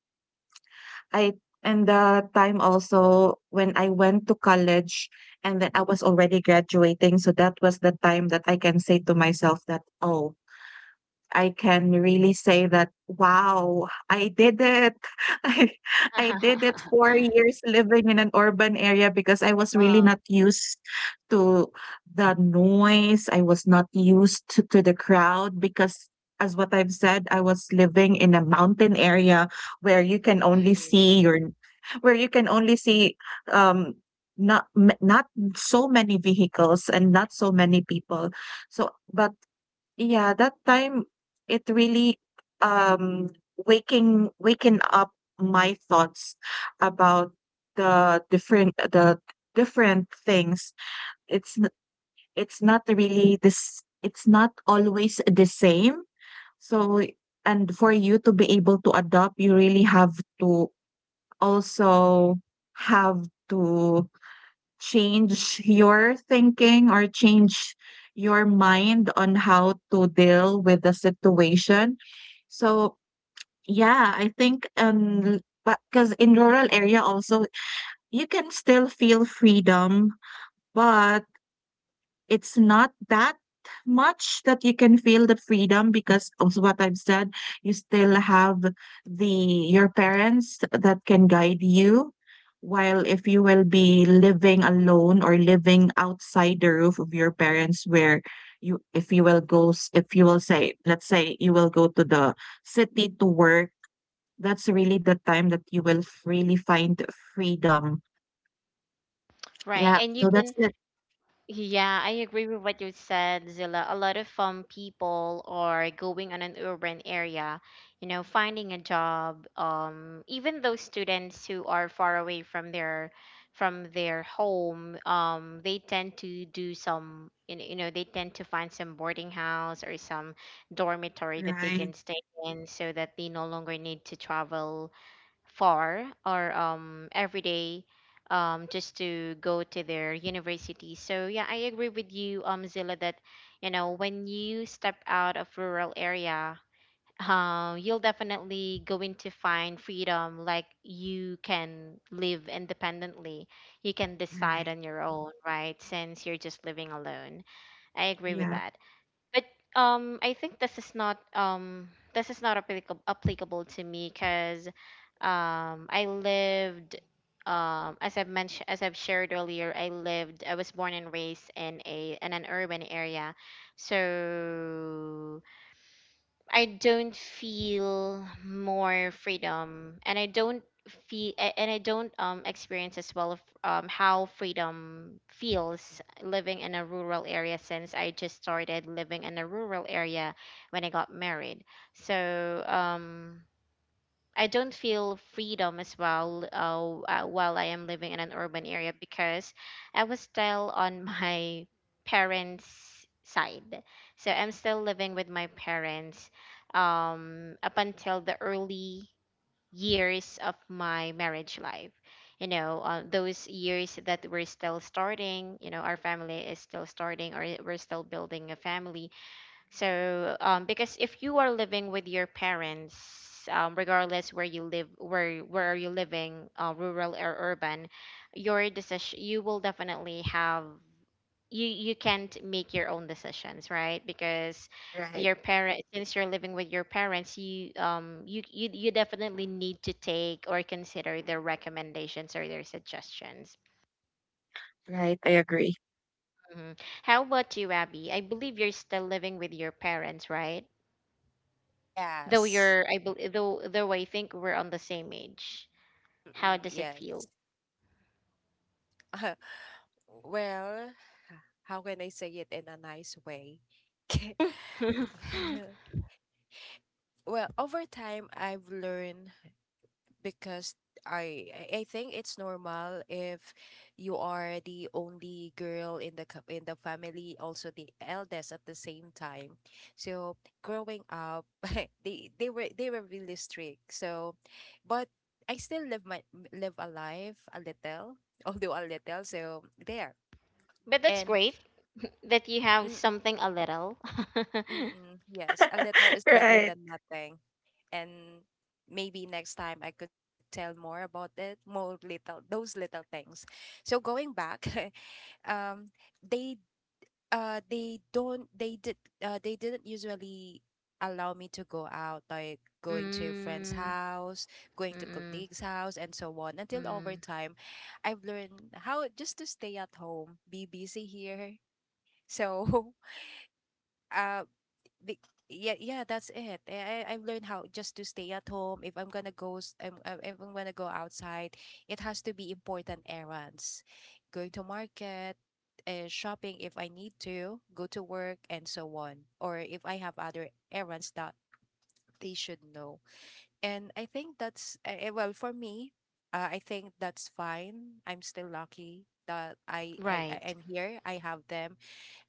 Speaker 3: I, and the time also when I went to college and then I was already graduating. So that was the time that I can say to myself that, oh, I can really say that, wow, I did it. I, I did it 4 years living in an urban area because I was really not
Speaker 1: Wow.
Speaker 3: used to the noise. I was not used to the crowd because, as what I've said, I was living in a mountain area where you can only
Speaker 1: Mhm.
Speaker 3: see your, where you can only see, um, not not so many vehicles and not so many people, so but yeah, that time it really um waking up my thoughts about the different things. It's n- it's not really this it's not always the same. So and for you to be able to adopt, you really have to also have to change your thinking or change your mind on how to deal with the situation. So yeah, I think because in rural area also you can still feel freedom, but it's not that much that you can feel the freedom because of what I've said, you still have the your parents that can guide you. While if you will be living alone or living outside the roof of your parents, where you if you will go s- if you will say, let's say you will go to the city to work, that's really the time that you will really find freedom.
Speaker 1: Right.
Speaker 3: Yeah,
Speaker 1: And you
Speaker 3: so that's
Speaker 1: can,
Speaker 3: it.
Speaker 1: yeah, I agree with what you said, Zilla. A lot of people are going on an urban area, you know, finding a job. Even those students who are far away from their home, they tend to do some, they tend to find some boarding house or some dormitory that they
Speaker 3: Right,
Speaker 1: can stay in, so that they no longer need to travel far or every day, just to go to their university. So yeah, I agree with you, Zilla, that you know when you step out of rural area, you'll definitely going to find freedom. Like, you can live independently, you can decide
Speaker 3: right.
Speaker 1: on your own, right? Since you're just living alone, I agree with
Speaker 3: Yeah,
Speaker 1: that. But I think this is not applicable to me because I lived, as I've mentioned, as I've shared earlier, I lived, I was born and raised in a in an urban area, so I don't feel more freedom and I don't feel and I don't experience as well of how freedom feels living in a rural area, since I just started living in a rural area when I got married. So I don't feel freedom as well, while I am living in an urban area because I was still on my parents' side. So I'm still living with my parents up until the early years of my marriage life. You know, those years that we're still starting, you know, our family is still starting or we're still building a family, so because if you are living with your parents, regardless where you live, where are you living, rural or urban, your decision you will definitely have you can't make your own decisions, right? Because
Speaker 3: right.
Speaker 1: your parent, since you're living with your parents, you you definitely need to take or consider their recommendations or their suggestions.
Speaker 3: Right, I agree.
Speaker 1: Mhm. How about you, Abby? I believe you're still living with your parents, right? Though
Speaker 2: Yes.
Speaker 1: you're, I believe, though, I think we're on the same age. How
Speaker 2: Mm-mm,
Speaker 1: does it
Speaker 2: yes.
Speaker 1: feel?
Speaker 2: Well, how can I say it in a nice way?
Speaker 1: But
Speaker 2: Well, over time, I've learned, because I I think it's normal if you are the only girl in the in the family, also the eldest at the same time. So growing up, they were really strict. So, but I still live my live a life a little, although a little. So there.
Speaker 1: that's
Speaker 2: And
Speaker 1: great that you have
Speaker 2: mm,
Speaker 1: something a little.
Speaker 2: mm, yes, a little is better
Speaker 3: Right,
Speaker 2: than nothing. And maybe next time I could tell more about it, more little those little things. So going back, um, they they don't they did they didn't usually allow me to go out, like going to friend's
Speaker 1: Mm, mm,
Speaker 2: house, going to
Speaker 1: mm,
Speaker 2: colleagues house and so on, until over
Speaker 1: mm.
Speaker 2: time I've learned how just to stay at home, be busy here. So uh the, yeah, yeah, that's it. I've learned how just to stay at home. If I'm gonna go s- if I'm gonna go outside, it has to be important errands, going to market, shopping, if I need to go to work and so on, or if I have other errands that they should know. And I think that's well, for me, I think that's fine. I'm still lucky that
Speaker 1: Right.
Speaker 2: I'm here, I have them.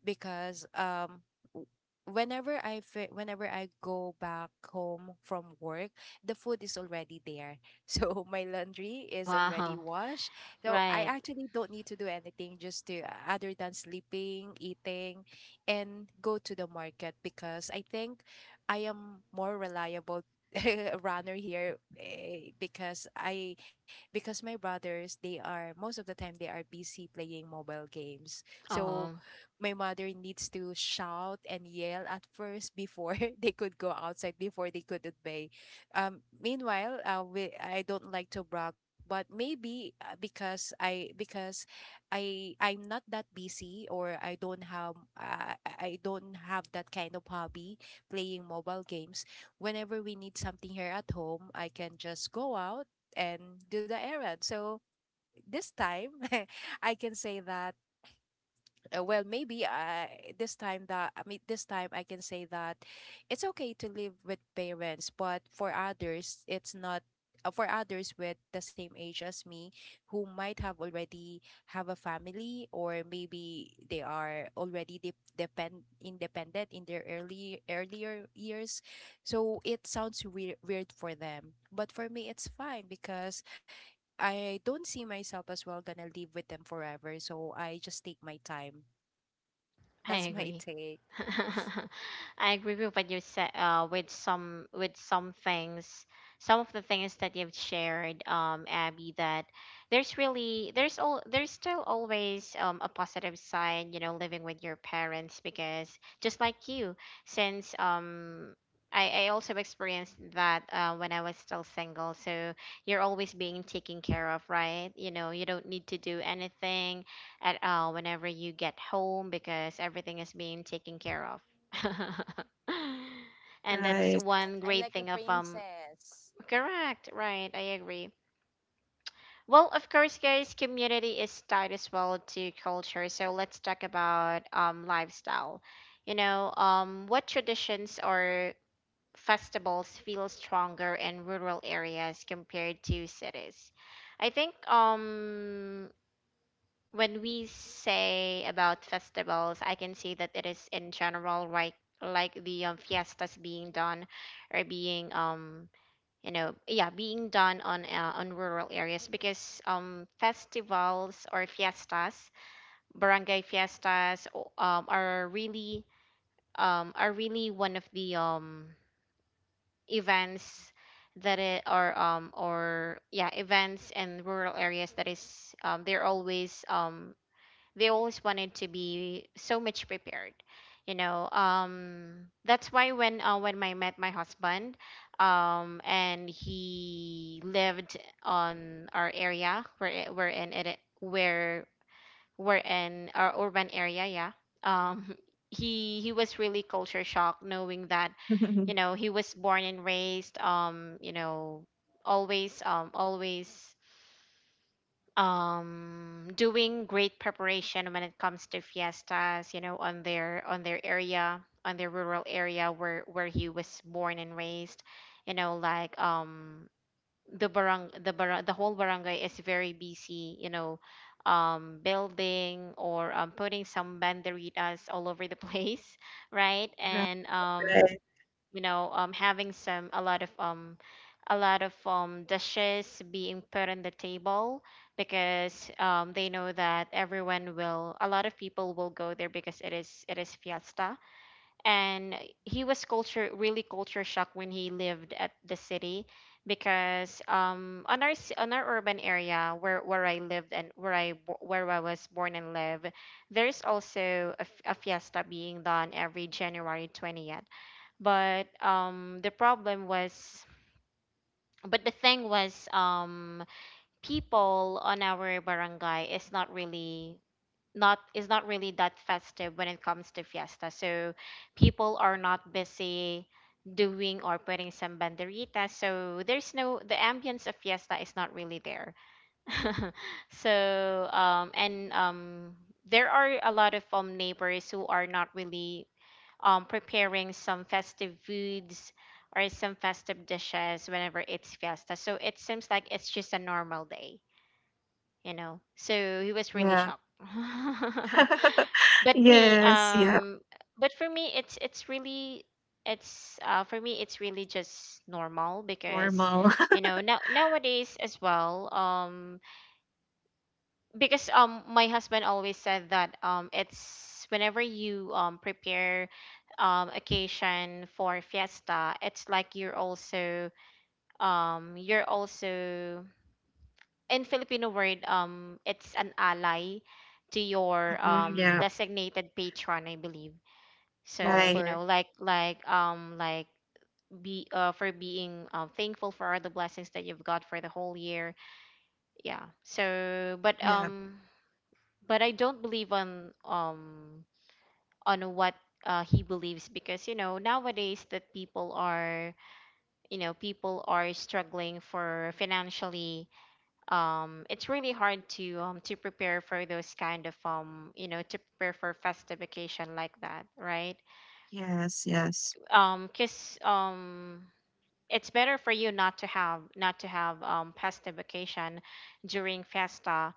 Speaker 2: Because w- whenever I whenever I go back home from work, the food is already there. So my laundry is already
Speaker 1: Wow.
Speaker 2: washed. So I
Speaker 1: Right.
Speaker 2: actually don't need to do anything, just to other than sleeping, eating, and go to the market. Because I think I am more reliable runner here, eh, because I because my brothers, they are most of the time they are busy playing mobile games. So
Speaker 1: Oh.
Speaker 2: my mother needs to shout and yell at first before they could go outside, before they could obey. Meanwhile, I don't like to brag, but maybe because I'm not that busy, or I don't have I don't have that kind of hobby playing mobile games. Whenever we need something here at home, I can just go out and do the errand. So this time I can say that well, maybe I this time that I mean this time I can say that it's okay to live with parents, but for others it's not. For others with the same age as me, who might have already have a family, or maybe they are already de- depend independent in their early earlier years, so it sounds weird for them. But for me, it's fine because I don't see myself as, well, gonna live with them forever. So I just take my time.
Speaker 1: I
Speaker 2: That's my
Speaker 1: agree.
Speaker 2: take.
Speaker 1: I agree with what you said. With some, with some things, some of the things that you've shared, Abby, that there's really, there's still always a positive side, you know, living with your parents because, just like you, since I also experienced that when I was still single. So you're always being taken care of, right? You know, you don't need to do anything at all whenever you get home because everything is being taken care of. And that's
Speaker 3: right.
Speaker 1: one
Speaker 2: Yes, I'm
Speaker 1: great
Speaker 2: like
Speaker 1: thing
Speaker 2: a
Speaker 1: of
Speaker 2: princess.
Speaker 1: correct, right, I agree. Well, of course, guys, community is tied as well to culture. So let's talk about lifestyle. You know, what traditions or festivals feel stronger in rural areas compared to cities? I think when we say about festivals, I can say that it is in general, right? Like the fiestas being done or being you know, yeah, being done on rural areas because festivals or fiestas, barangay fiestas are really one of the events that it, are or yeah events in rural areas that is they're always they always wanted to be so much prepared. You know, that's why when I met my husband and he lived on our area where we're in our urban area, yeah, um he was really culture shocked knowing that, you know, he was born and raised, you know, always doing great preparation when it comes to fiestas, you know, on their area, on their rural area where he was born and raised. You know, like the whole barangay is very busy, you know, building or putting some banderitas all over the place, right,
Speaker 3: Right,
Speaker 1: and
Speaker 3: right.
Speaker 1: you know, having some a lot of dishes being put on the table because they know that everyone will a lot of people will go there because it is, it is fiesta. And he was culture really culture shocked when he lived at the city, because on on our urban area where I lived and where where I was born and live, there's also a fiesta being done every January 20th. But the problem was but the thing was, people on our barangay is not really, not is not really that festive when it comes to fiesta, so people are not busy doing or putting some banderitas, so there's no, the ambience of fiesta is not really there. So and there are a lot of neighbors who are not really preparing some festive foods or some festive dishes whenever it's fiesta. So it seems like it's just a normal day, you know. So he was really
Speaker 3: Yeah.
Speaker 1: shocked. But me,
Speaker 3: Yes, yeah,
Speaker 1: but for me it's really, it's for me it's really just normal because,
Speaker 3: normal.
Speaker 1: you know, nowadays as well, because my husband always said that it's whenever you prepare occasion for fiesta, it's like you're also you're also, in Filipino word, it's an ally to your
Speaker 3: Mm-mm, yeah,
Speaker 1: designated patron, I believe. So, you
Speaker 3: right.
Speaker 1: know,
Speaker 2: Offer.
Speaker 1: like be, for being, thankful for all the blessings that you've got for the whole year, yeah. So
Speaker 3: Yeah.
Speaker 1: but I don't believe on what, he believes, because you know nowadays that people are, you know, people are struggling for financially, it's really hard to prepare for those kind of you know, to prepare for festive occasion like that, right?
Speaker 3: Yes, yes.
Speaker 1: Because it's better for you not to have, pasta vacation during festa,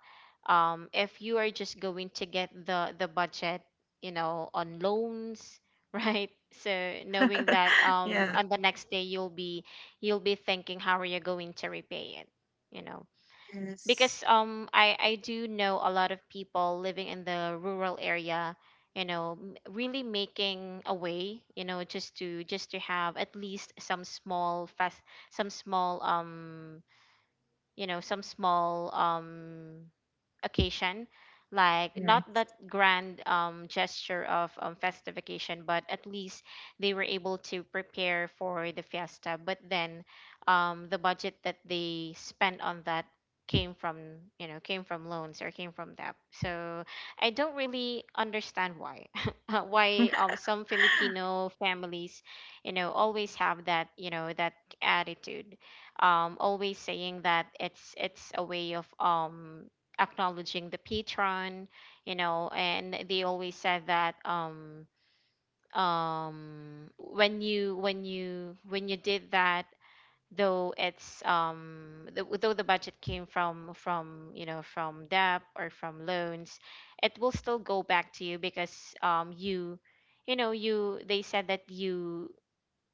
Speaker 1: if you are just going to get the budget, you know, on loans. Right, so knowing that,
Speaker 3: Yeah,
Speaker 1: on the next day, you'll be, you'll be thinking how are you going to repay it, you know?
Speaker 3: yes.
Speaker 1: Because I do know a lot of people living in the rural area, you know, m- really making a way, you know, just to have at least some small fast, some small you know, some small occasion, like
Speaker 3: Right,
Speaker 1: not that grand gesture of festive occasion, but at least they were able to prepare for the fiesta. But then the budget that they spent on that came from, you know, came from loans or came from debt. So I don't really understand why why some Filipino families, you know, always have that, you know, that attitude, always saying that it's a way of acknowledging the patron, you know, and they always said that when you when you did that, though it's, though the budget came from, you know, from debt or from loans, it will still go back to you because you, you know, you they said that you,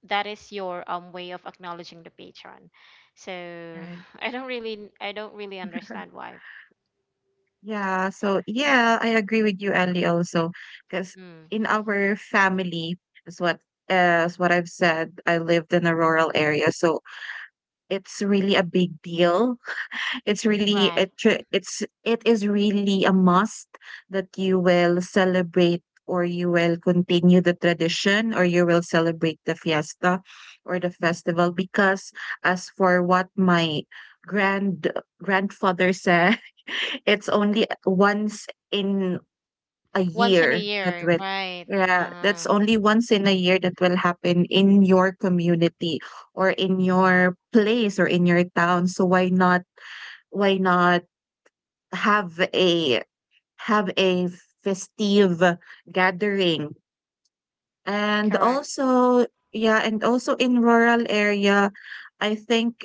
Speaker 1: that is your way of acknowledging the patron. So
Speaker 3: right.
Speaker 1: I don't really, I don't really understand why.
Speaker 3: Yeah, so yeah, I agree with you, Andy, also, because
Speaker 1: Mm.
Speaker 3: in our family, is what is what I've said, I lived in a rural area, so it's really a big deal. It's really
Speaker 1: Right.
Speaker 3: it tr- it's it is really a must that you will celebrate or you will continue the tradition or you will celebrate the fiesta or the festival because as for what my grand grandfather said, it's only once in a
Speaker 1: Once in a
Speaker 3: year that
Speaker 1: year,
Speaker 3: will,
Speaker 1: right.
Speaker 3: yeah, that's
Speaker 1: Uh-huh.
Speaker 3: only once in a year that will happen in your community or in your place or in your town, so why not, why not have a festive gathering. And
Speaker 1: Correct.
Speaker 3: also, yeah, and also in rural area, I think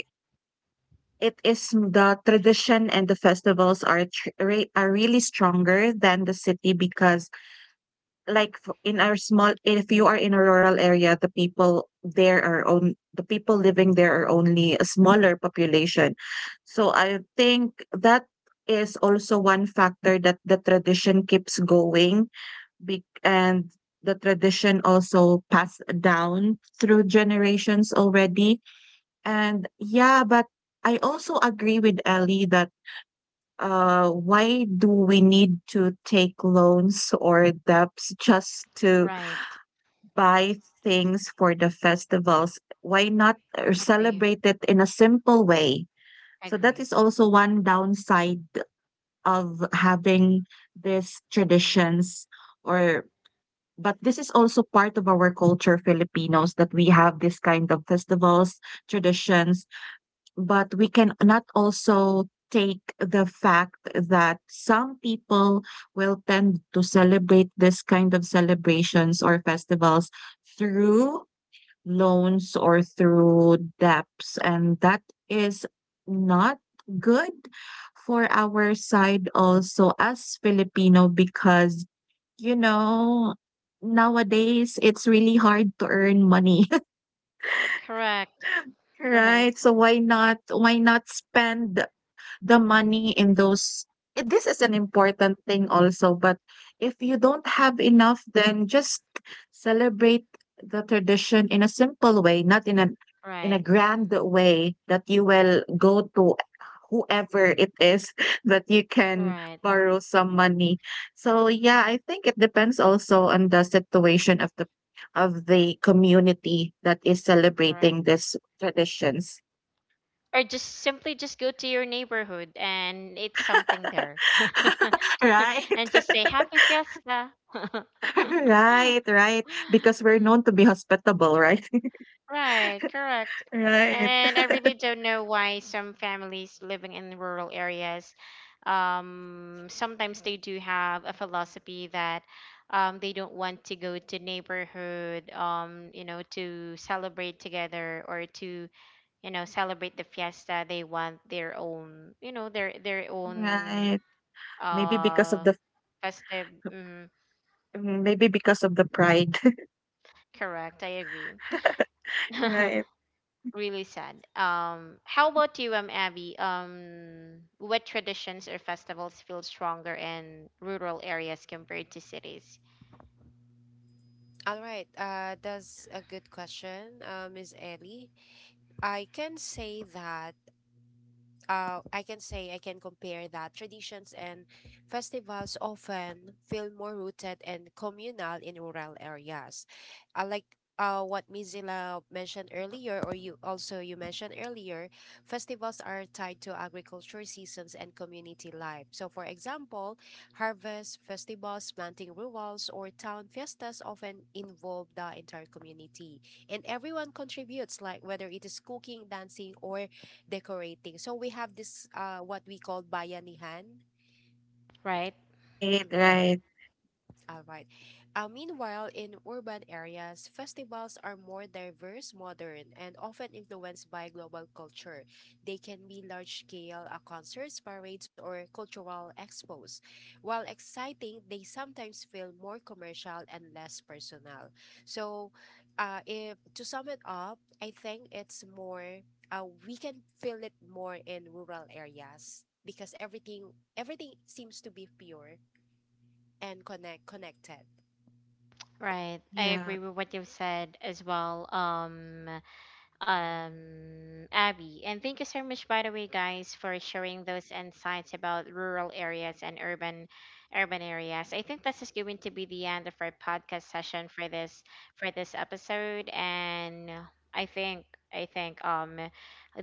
Speaker 3: it is the tradition, and the festivals are are really stronger than the city because in our small, if you are in a rural area, the people there are, on the people living there are only a smaller population, so I think that is also one factor that the tradition keeps going. And the tradition also passed down through generations already. And yeah, but I also agree with Ellie that why do we need to take loans or debts just to
Speaker 1: Right.
Speaker 3: buy things for the festivals, why not
Speaker 1: Agree.
Speaker 3: celebrate it in a simple way? So that
Speaker 1: Agree.
Speaker 3: is also one downside of having these traditions, or but this is also part of our culture, Filipinos, that we have this kind of festivals, traditions, but we can not also take the fact that some people will tend to celebrate this kind of celebrations or festivals through loans or through debts, and that is not good for our side also as Filipino because you know nowadays it's really hard to earn money.
Speaker 1: Correct. Right.
Speaker 3: Right, so why not, why not spend the money in those, eh, this is an important thing also, but if you don't have enough, then just celebrate the tradition in a simple way, not in a, in a
Speaker 1: Right.
Speaker 3: grand way that you will go to whoever it is that you can
Speaker 1: Right.
Speaker 3: borrow some money. So yeah, I think it depends also on the situation of the community that is
Speaker 1: Correct.
Speaker 3: celebrating these traditions.
Speaker 1: Or just simply just go to your neighborhood and eat something there.
Speaker 3: Right.
Speaker 1: And just say happy fiesta.
Speaker 3: Right, right. Because we're
Speaker 1: Mhm.
Speaker 3: known to be hospitable, right?
Speaker 1: Right, correct.
Speaker 3: Right,
Speaker 1: And I really don't know why some families living in rural areas, sometimes they do have a philosophy that they don't want to go to neighborhood, you know, to celebrate together or to, you know, celebrate the fiesta. They want their own, you know, their own
Speaker 3: right. Maybe because of
Speaker 1: uh
Speaker 3: the,
Speaker 1: festive. Mhm,
Speaker 3: mm, maybe because of the pride.
Speaker 1: correct, I agree.
Speaker 3: Right.
Speaker 1: Really sad. How about you, Abby? What traditions or festivals feel stronger in rural areas compared to cities?
Speaker 2: All right. That's a good question, Ms. Ellie. I can say that. I can compare that traditions and festivals often feel more rooted and communal in rural areas. Like what Mizila mentioned earlier, or you mentioned earlier, festivals are tied to agriculture seasons and community life. So, for example, harvest festivals, planting rituals, or town fiestas often involve the entire community, and everyone contributes, like whether it is cooking, dancing, or decorating. So we have this what we call bayanihan.
Speaker 1: Right,
Speaker 3: Right,
Speaker 2: Mm-mm.
Speaker 3: right.
Speaker 2: All right. Meanwhile, in urban areas, festivals are more diverse, modern, and often influenced by global culture. They can be large scale concerts, parades, or cultural expos. While exciting, they sometimes feel more commercial and less personal. So, if, to sum it up, I think it's more, we can feel it more in rural areas because everything seems to be pure and connected.
Speaker 1: right. I
Speaker 3: Yeah.
Speaker 1: agree with what you've said as well. Abby. And thank you so much, by the way, guys, for sharing those insights about rural areas and urban, urban areas. I think this is going to be the end of our podcast session for this, for this episode. And I think, I think um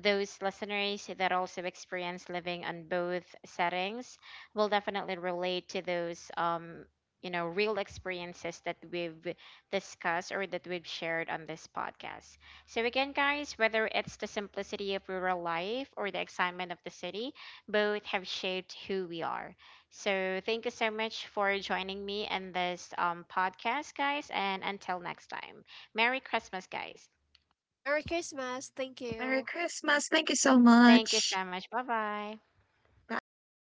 Speaker 1: those listeners that also experience living on both settings will definitely relate to those you know, real experiences that we've discussed or that we've shared on this podcast. So, again, guys, whether it's the simplicity of rural life or the excitement of the city, both have shaped who we are. So, thank you so much for joining me in this podcast, guys. And until next time, Merry Christmas, guys.
Speaker 2: Merry Christmas. Thank
Speaker 3: Merry
Speaker 2: you.
Speaker 3: Christmas. Thank you so
Speaker 1: Thank you
Speaker 3: much.
Speaker 1: so much. Bye bye.
Speaker 3: Bye.